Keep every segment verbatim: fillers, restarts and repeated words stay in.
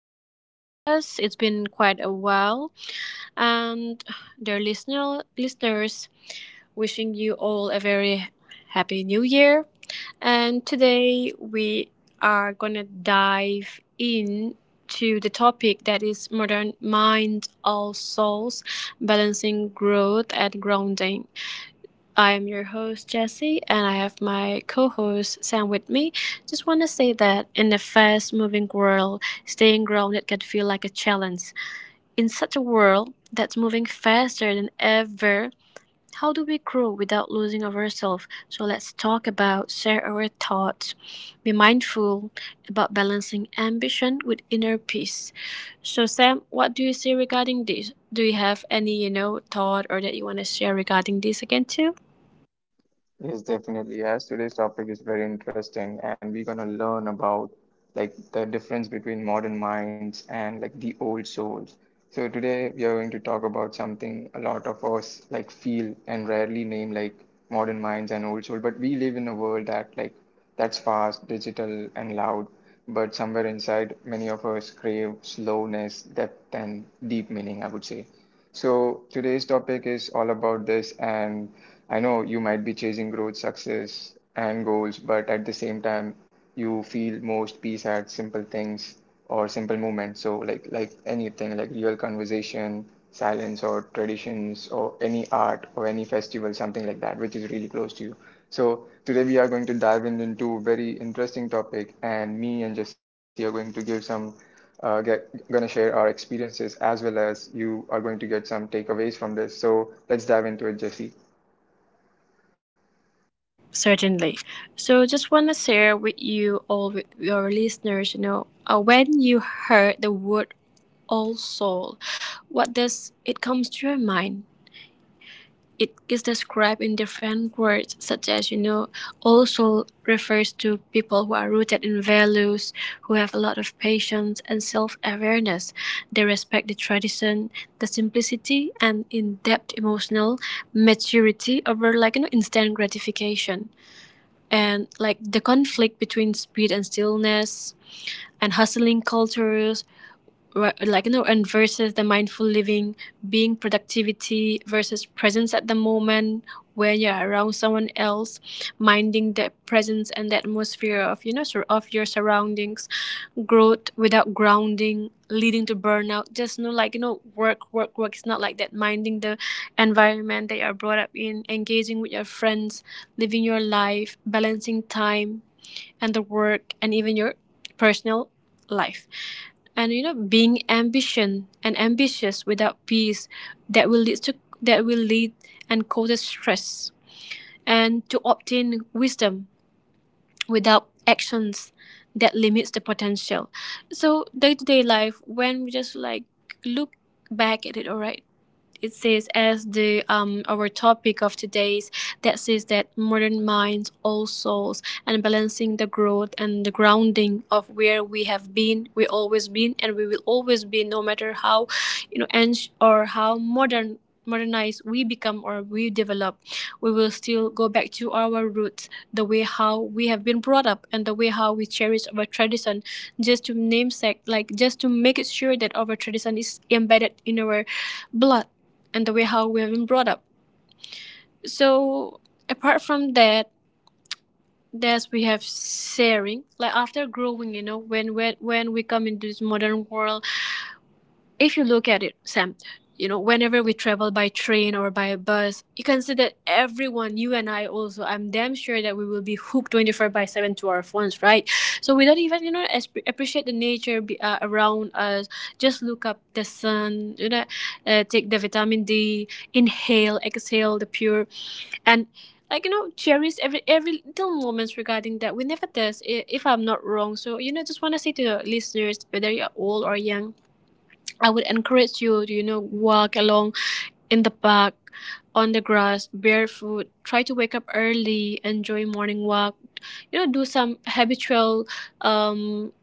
Jazz Podcast. It's been quite a while, and dear listener, listeners, wishing you all a very happy new year. And today we are gonna dive into the topic that is modern mind all souls, balancing growth and grounding. I am your host, Jesse, and I have my co host, Sam, with me. Just want to say that in the fast moving world, staying grounded can feel like a challenge. In such a world that's moving faster than ever, how do we grow without losing of ourselves? So let's talk about, share our thoughts, be mindful about balancing ambition with inner peace. So, Sam, what do you say regarding this? Do you have any, you know, thought or that you want to share regarding this again, too? Yes, definitely. As today's topic is very interesting, and we're gonna learn about like the difference between modern minds and like the old souls. So today we are going to talk about something a lot of us like feel and rarely name like modern minds and old soul, but we live in a world that like that's fast, digital, and loud but somewhere inside, many of us crave slowness, depth, and deep meaning, I would say. So today's topic is all about this, and I know you might be chasing growth, success, and goals, but at the same time, you feel most peace at simple things or simple movement. So like like anything, like real conversation, silence, or traditions, or any art, or any festival, something like that, which is really close to you. So today we are going to dive in into a very interesting topic, and me and Jesse are going to give some uh, get gonna share our experiences as well as you are going to get some takeaways from this. So let's dive into it, Jesse. Certainly. So just want to share with you all with your listeners, you know, uh, when you heard the word all soul, what does it comes to your mind? It is described in different words, such as you know, all soul refers to people who are rooted in values, who have a lot of patience and self-awareness. They respect the tradition, the simplicity, and in-depth emotional maturity over like you know instant gratification, and like the conflict between speed and stillness and hustling cultures, ri- like you know and versus the mindful living, being productivity versus presence at the moment where you're around someone else, minding the presence and the atmosphere of you know sur- of your surroundings, growth without grounding leading to burnout. Just you know like you know work work work, it's not like that. Minding the environment that you're brought up in, engaging with your friends, living your life, balancing time and the work and even your personal life. And you know being ambition and ambitious without peace, that will lead to, that will lead and causes stress, and to obtain wisdom without actions that limits the potential. So day-to-day life, when we just like look back at it, all right, it says as the um our topic of today's, that says that modern minds, all souls, and balancing the growth and the grounding of where we have been, we always been, and we will always be, no matter how, you know, and or how modern modernized we become or we develop, we will still go back to our roots, the way how we have been brought up and the way how we cherish our tradition, just to namesake, like just to make it sure that our tradition is embedded in our blood and the way how we have been brought up. So apart from that, there's we have sharing. Like after growing, you know, when when when we come into this modern world, if you look at it, Sam, you know, whenever we travel by train or by bus, you can see that everyone, you and I also, I'm damn sure that we will be hooked twenty-four by seven to our phones, right? So we don't even, you know, as- appreciate the nature be, uh, around us. Just look up the sun, you know, uh, take the vitamin D, inhale, exhale the pure and like you know cherish every every little moments regarding that we never does, i- if I'm not wrong. So you know just want to say to the listeners, whether you're old or young, I would encourage you to, you know, walk along in the park on the grass barefoot, try to wake up early, enjoy morning walk, you know, do some habitual um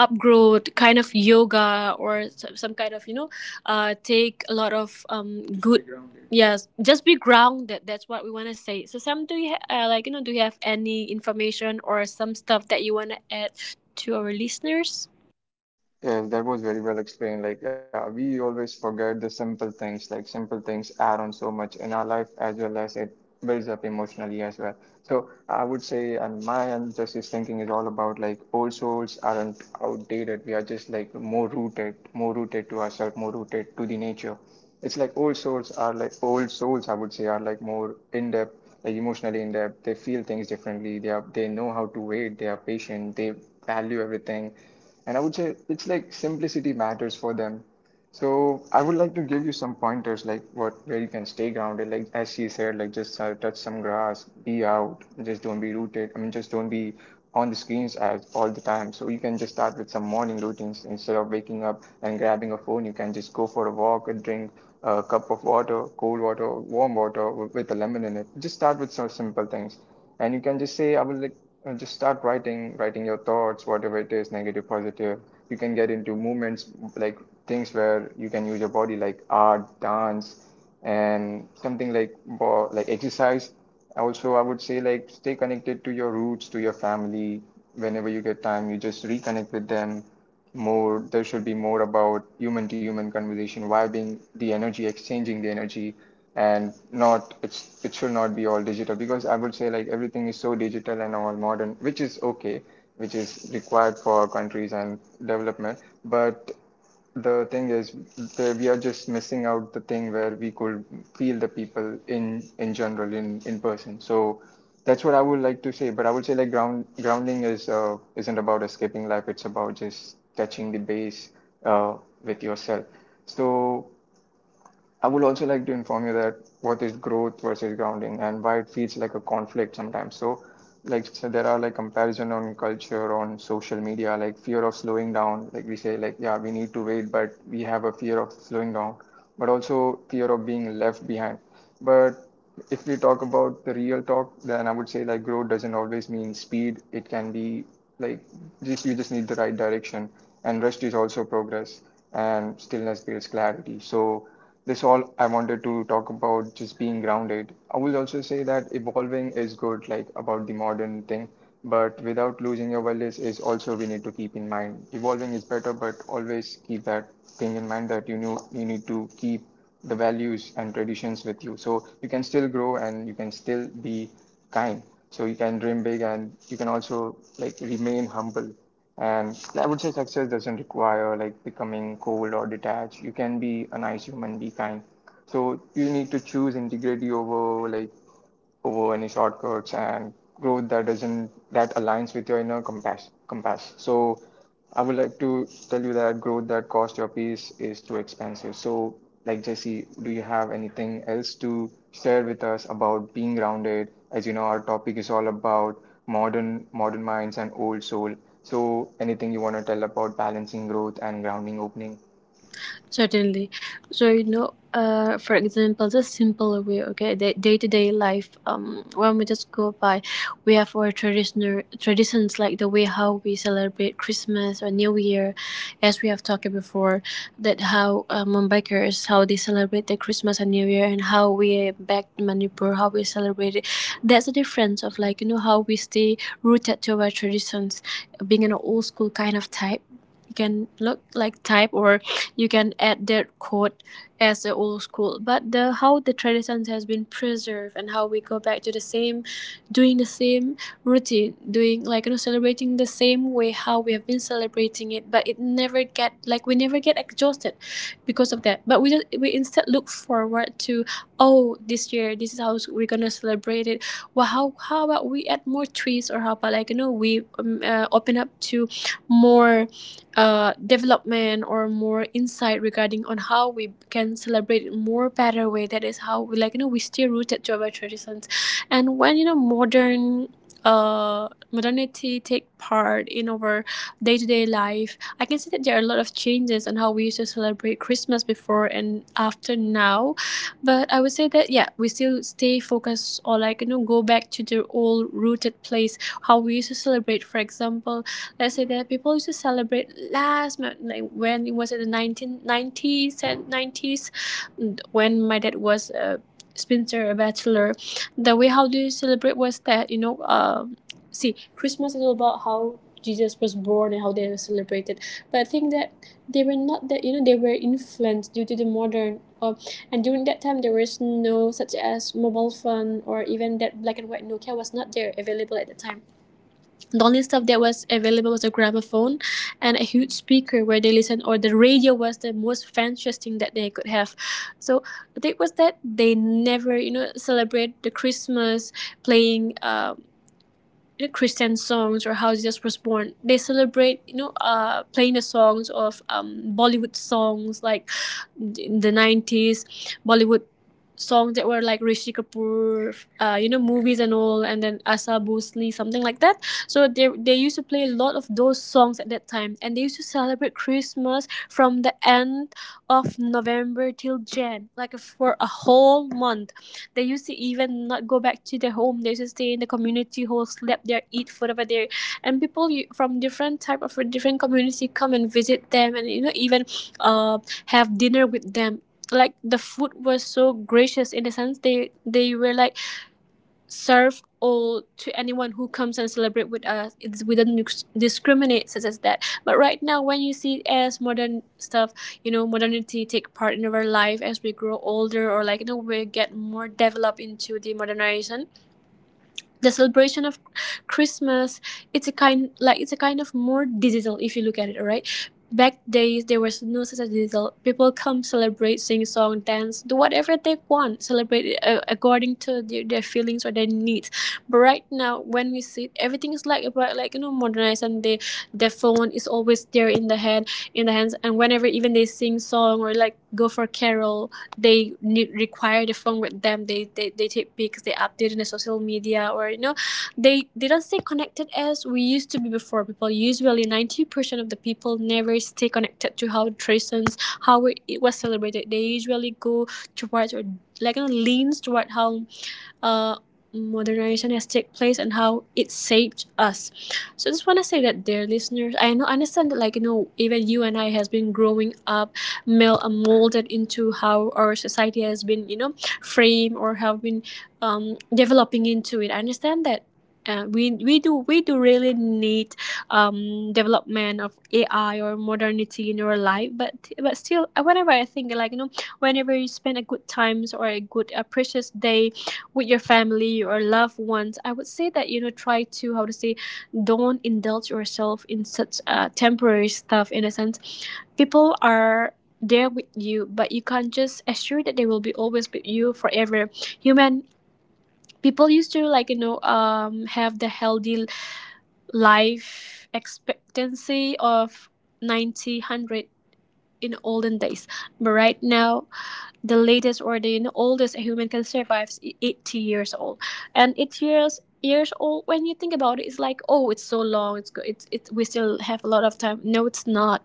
upgrowth kind of yoga, or some, some kind of you know uh take a lot of um good. Yes, just be grounded, that's what we want to say. So Sam, do you ha- uh, like you know do you have any information or some stuff that you want to add to our listeners? Yes, that was very well explained. Like, yeah, we always forget the simple things. Like, simple things add on so much in our life as well as it builds up emotionally as well. So, I would say, and my and justice thinking is all about like old souls aren't outdated. We are just like more rooted, more rooted to ourselves, more rooted to the nature. It's like old souls are like old souls, I would say, are like more in depth, like emotionally in depth. They feel things differently. They are they know how to wait. They are patient. They value everything, and I would say it's like simplicity matters for them. So I would like to give you some pointers like what where you can stay grounded. Like as she said, like just uh, touch some grass, be out, just don't be rooted. I mean, just don't be on the screens as all the time. So you can just start with some morning routines instead of waking up and grabbing a phone. You can just go for a walk and drink a cup of water, cold water, warm water with a lemon in it. Just start with some simple things, and you can just say, I would like uh, just start writing, writing your thoughts, whatever it is, negative, positive. You can get into movements like things where you can use your body, like art, dance, and something like like exercise. Also, I would say like stay connected to your roots, to your family. Whenever you get time, you just reconnect with them more. There should be more about human to human conversation, why being the energy, exchanging the energy, and not it's it should not be all digital because I would say like everything is so digital and all modern, which is okay, which is required for our countries and development. But the thing is, the, we are just missing out the thing where we could feel the people in in general in in person. So that's what I would like to say, but I would say like ground grounding is uh, isn't about escaping life. It's about just touching the base uh, with yourself. So I would also like to inform you that what is growth versus grounding and why it feels like a conflict sometimes. So, like so there are like comparison on culture on social media, like fear of slowing down. Like we say, like yeah, we need to wait, but we have a fear of slowing down, but also fear of being left behind. But if we talk about the real talk, then I would say like growth doesn't always mean speed. It can be like just you just need the right direction, and rest is also progress, and stillness builds clarity. So this all I wanted to talk about just being grounded. I will also say that evolving is good, like about the modern thing, but without losing your wellness is also we need to keep in mind. Evolving is better, but always keep that thing in mind that you know you need to keep the values and traditions with you. So you can still grow and you can still be kind. So you can dream big and you can also like remain humble. And I would say success doesn't require like becoming cold or detached. You can be a nice human, be kind. So you need to choose integrity over like over any shortcuts and growth that doesn't that aligns with your inner compass compass. So I would like to tell you that growth that costs your peace is too expensive. So like Jesse, do you have anything else to share with us about being grounded, as you know our topic is all about modern modern minds and old soul. So anything you want to tell about balancing growth and grounding opening? Certainly. So, you know, uh, for example, just simple way, okay, the day to day life, um, when we just go by, we have our traditional traditions, like the way how we celebrate Christmas or New Year, as we have talked before, that how uh, Mumbaikers, how they celebrate the Christmas and New Year and how we back in Manipur, how we celebrate it. That's the difference of like, you know, how we stay rooted to our traditions, being an old school kind of type. You can look like type or you can add that code as the old school, but the how the traditions has been preserved, and how we go back to the same, doing the same routine, doing like you know celebrating the same way how we have been celebrating it, but it never get like we never get exhausted because of that, but we just we instead look forward to, oh this year this is how we're gonna celebrate it. Well, how how about we add more trees, or how about like you know we um, uh, open up to more uh, development or more insight regarding on how we can celebrate in more better way. That is how we like you know we stay rooted to our traditions. And when you know modern uh modernity take part in our day-to-day life, I can see that there are a lot of changes on how we used to celebrate Christmas before and after now. But I would say that yeah, we still stay focused, or like you know go back to the old rooted place how we used to celebrate. For example, let's say that people used to celebrate last month, like when it was in the nineteen nineties and nineties, when my dad was a spinster, a bachelor, the way how do you celebrate was that you know um see, Christmas is all about how Jesus was born and how they were celebrated. But I think that they were not that you know they were influenced due to the modern, uh, and during that time there was no such as mobile phone, or even that black and white Nokia was not there available at the time. The only stuff that was available was a gramophone and a huge speaker where they listened, or the radio was the most fanciest thing that they could have. So the thing was that they never you know celebrate the Christmas playing, uh, you know, Christian songs or how Jesus was born. They celebrate, you know, uh, playing the songs of um, Bollywood songs, like in the nineties, Bollywood songs that were like Rishi Kapoor, uh, you know, movies and all, and then Asa Bhosle, something like that. So they they used to play a lot of those songs at that time, and they used to celebrate Christmas from the end of November till Jan, like for a whole month. They used to even not go back to their home. They used to stay in the community hall, sleep there, eat food over there, and people from different type of different community come and visit them, and you know even uh, have dinner with them. Like the food was so gracious, in the sense they they were like serve all to anyone who comes and celebrate with us. It's we don't dis- discriminate such as that. But right now, when you see as modern stuff, you know, modernity take part in our life as we grow older, or like you know we get more developed into the modernization, the celebration of Christmas, it's a kind like it's a kind of more digital if you look at it. Right back days, there was no such a digital. People come, celebrate, sing song, dance, do whatever they want, celebrate it, uh, according to their, their feelings or their needs. But right now when we see it, everything is like about like you know modernized, and the the phone is always there in the hand, in the hands, and whenever even they sing song or like go for carol, they need require the phone with them. They they, they take pics, they update in the social media, or you know they they don't stay connected as we used to be before. People usually ninety percent of the people never stay connected to how traditions, how it was celebrated. They usually go towards, or like you know leans toward how uh, modernization has take place and how it shaped us. So I just want to say that, dear listeners, I know understand that like you know even you and I has been growing up, mel- uh, molded into how our society has been you know framed, or have been um, developing into it. I understand that. Uh, we, we do we do really need um, development of A I or modernity in your life, but but still, whenever I think like you know, whenever you spend a good times or a good a precious day with your family or loved ones, I would say that you know try to how to say, don't indulge yourself in such uh, temporary stuff. In a sense, people are there with you, but you can't just assure that they will be always with you forever. Human people used to like you know um have the healthy life expectancy of ninety one hundred in olden days, but right now the latest or the oldest a human can survive is eighty years old. And eighty years years old, when you think about it, it's like, oh, it's so long, it's go it's it we still have a lot of time. No, it's not.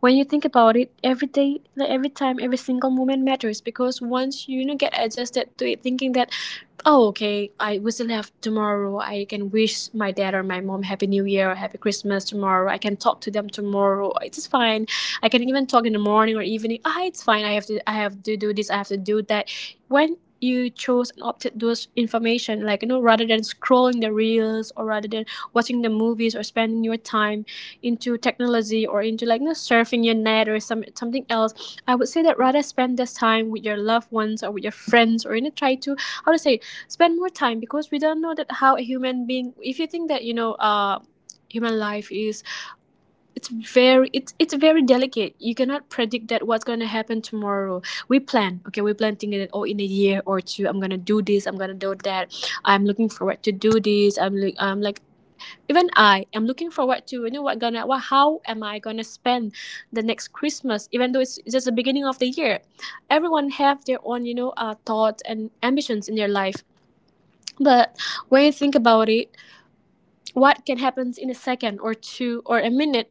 When you think about it, every day, like every time, every single moment matters, because once you, you know, get adjusted to it thinking that, oh, okay, I will still have tomorrow, I can wish my dad or my mom happy new year or happy christmas tomorrow, I can talk to them tomorrow, it's fine, I can even talk in the morning or evening, ah, it's fine, I have to, i have to do this, I have to do that. When you chose and opted those information like you know, rather than scrolling the reels or rather than watching the movies or spending your time into technology or into like you know, surfing your net or some something else, I would say that rather spend this time with your loved ones or with your friends or you know try to how to say spend more time, because we don't know that how a human being, if you think that you know uh human life is, it's very it's it's very delicate, you cannot predict that what's going to happen tomorrow. We plan, okay, we plan thinking that, oh, in a year or two I'm going to do this, I'm going to do that, I'm looking forward to do this, i'm like i'm like, even I am looking forward to you know what gonna what how am I gonna spend the next christmas, even though it's just the beginning of the year. Everyone have their own you know uh, thoughts and ambitions in their life, but when you think about it, what can happen in a second or two or a minute,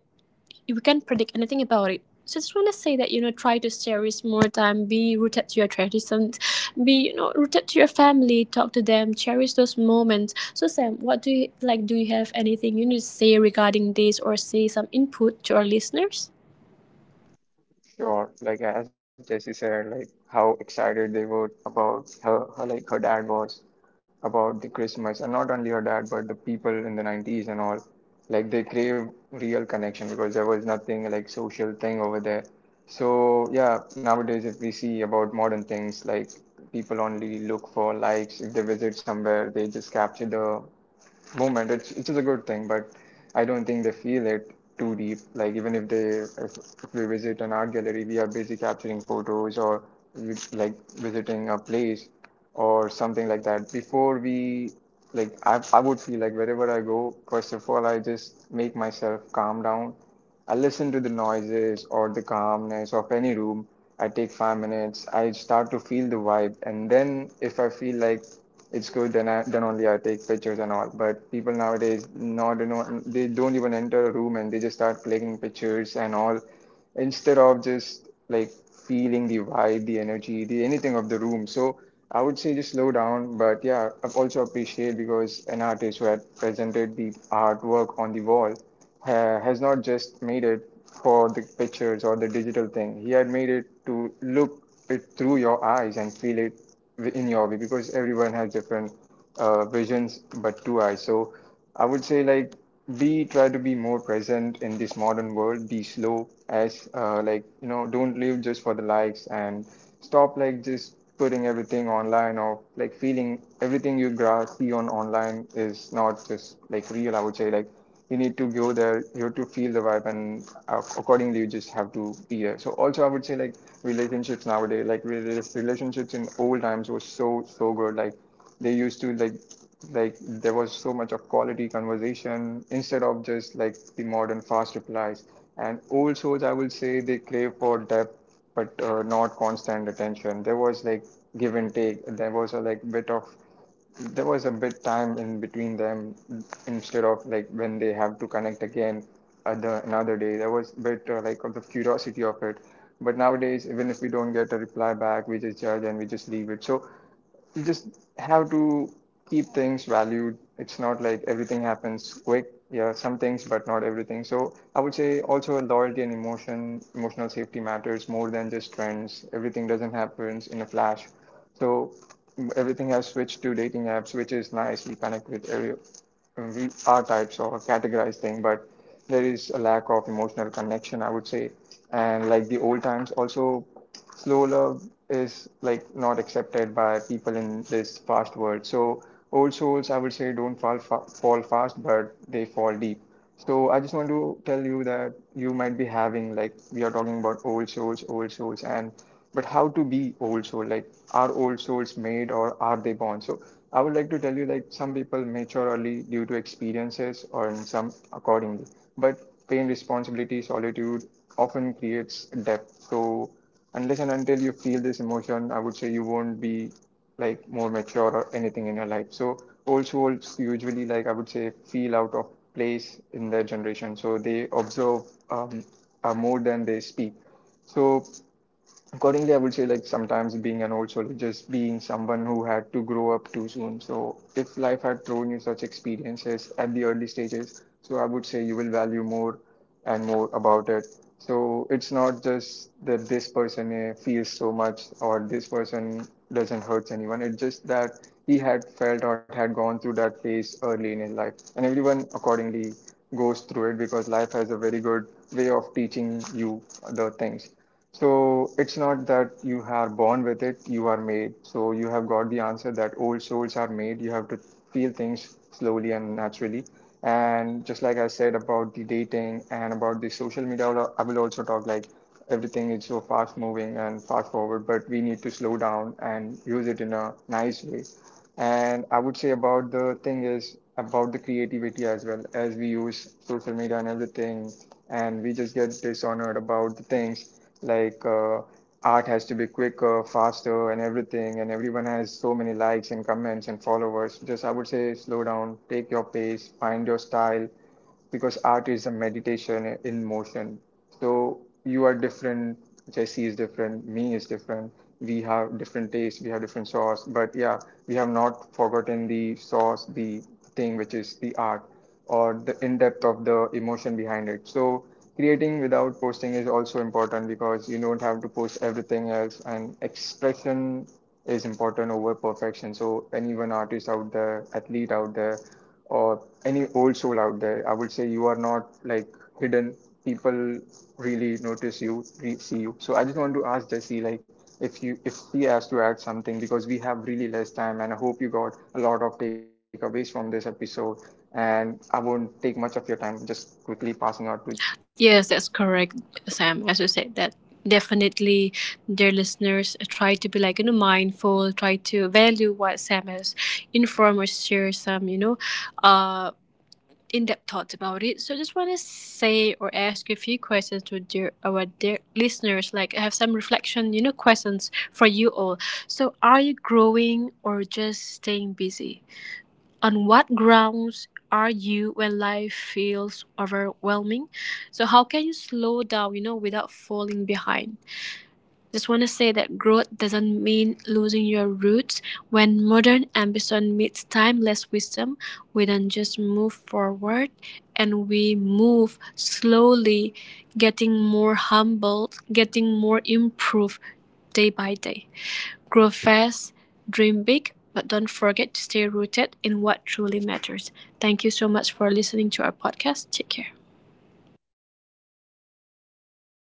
we can't predict anything about it. So I just want to say that, you know, try to stay with more time, be rooted to your traditions, be, you know, rooted to your family, talk to them, cherish those moments. So Sam, what do you, like, do you have anything you need to say regarding this or say some input to our listeners? Sure, like as Jesse said, like how excited they were about her, her like her dad was about the Christmas, and not only her dad, but the people in the nineties and all. Like they craved real connection because there was nothing like social thing over there. So yeah, nowadays if we see about modern things, like people only look for likes. If they visit somewhere, they just capture the movement, it's, which is a good thing, but I don't think they feel it too deep. Like even if they, if, if we visit an art gallery, we are busy capturing photos or we, like visiting a place or something like that. Before we, like I, I would feel like wherever I go, first of all, I just make myself calm down. I listen to the noises or the calmness of any room. I take five minutes. I start to feel the vibe, and then if I feel like it's good, then I then only I take pictures and all. But people nowadays, not you know, they don't even enter a room and they just start clicking pictures and all instead of just like feeling the vibe, the energy, the anything of the room. So I would say just slow down, but yeah, I also appreciate because an artist who had presented the artwork on the wall ha has not just made it for the pictures or the digital thing. He had made it to look it through your eyes and feel it in your way because everyone has different uh, visions but two eyes. So I would say like be try to be more present in this modern world, be slow as uh, like you know don't live just for the likes and stop like just putting everything online or like feeling everything you gra- see on online is not just like real. I would say like you need to go there, you have to feel the vibe, and uh, accordingly you just have to be there. So also I would say like relationships nowadays like rel relationships in old times was so so good. Like they used to like like there was so much of quality conversation instead of just like the modern fast replies, and old shows I will say they crave for depth but uh, not constant attention. There was like give and take, there was a like bit of, there was a bit time in between them instead of like when they have to connect again other another day. There was a bit uh, like of the curiosity of it, but nowadays even if we don't get a reply back we just judge and we just leave it. So you just have to keep things valued. It's not like everything happens quick, yeah some things but not everything. So I would say also loyalty and emotion emotional safety matters more than just trends. Everything doesn't happen in a flash. So everything has switched to dating apps, which is nice. We connect with every we are types or categorized thing, but there is a lack of emotional connection, I would say. And like the old times, also slow love is like not accepted by people in this fast world. So old souls, I would say, don't fall fa fall fast, but they fall deep. So I just want to tell you that you might be having, like we are talking about old souls, old souls, and but how to be old soul? Like are old souls made or are they born? So I would like to tell you like some people mature early due to experiences or in some accordingly, but pain, responsibility, solitude often creates depth. So unless and until you feel this emotion, I would say you won't be like more mature or anything in your life. So old souls usually like I would say feel out of place in their generation. So they observe um, uh, more than they speak. So accordingly, I would say like sometimes being an old soul is just being someone who had to grow up too soon. So if life had thrown you such experiences at the early stages, so I would say you will value more and more about it. So it's not just that this person eh, feels so much or this person doesn't hurt anyone. It's just that he had felt or had gone through that phase early in his life, and everyone accordingly goes through it because life has a very good way of teaching you the things. So it's not that you are born with it, you are made. So you have got the answer that old souls are made. You have to feel things slowly and naturally. And just like I said about the dating and about the social media, I will also talk like everything is so fast moving and fast forward, but we need to slow down and use it in a nice way. And I would say about the thing is about the creativity as well, as we use social media and everything, and we just get dishonored about the things like uh, art has to be quicker, faster, and everything, and everyone has so many likes and comments and followers. Just I would say slow down, take your pace, find your style, because art is a meditation in motion. So you are different, Jesse is different, me is different. We have different tastes, we have different sauce, but yeah, we have not forgotten the sauce, the thing which is the art or the in depth of the emotion behind it. So creating without posting is also important because you don't have to post everything else and expression is important over perfection. So anyone artist out there, athlete out there or any old soul out there, I would say you are not like hidden. People really notice you, re- see you. So I just want to ask Jesse, like, if you if he has to add something because we have really less time, and I hope you got a lot of takeaways from this episode. And I won't take much of your time. Just quickly passing out to Jesse. Yes, that's correct, Sam. As you said, that definitely their listeners try to be like you know mindful, try to value what Sam has informed or share some you know, uh, in depth thoughts about it. So I just want to say or ask you a few questions to dear our dear listeners. Like I have some reflection, you know, questions for you all. So are you growing or just staying busy? On what grounds are you when life feels overwhelming? So how can you slow down, you know, without falling behind? Just want to say that growth doesn't mean losing your roots. When modern ambition meets timeless wisdom, we don't just move forward and we move slowly, getting more humbled, getting more improved day by day. Grow fast, dream big, but don't forget to stay rooted in what truly matters. Thank you so much for listening to our podcast. Take care.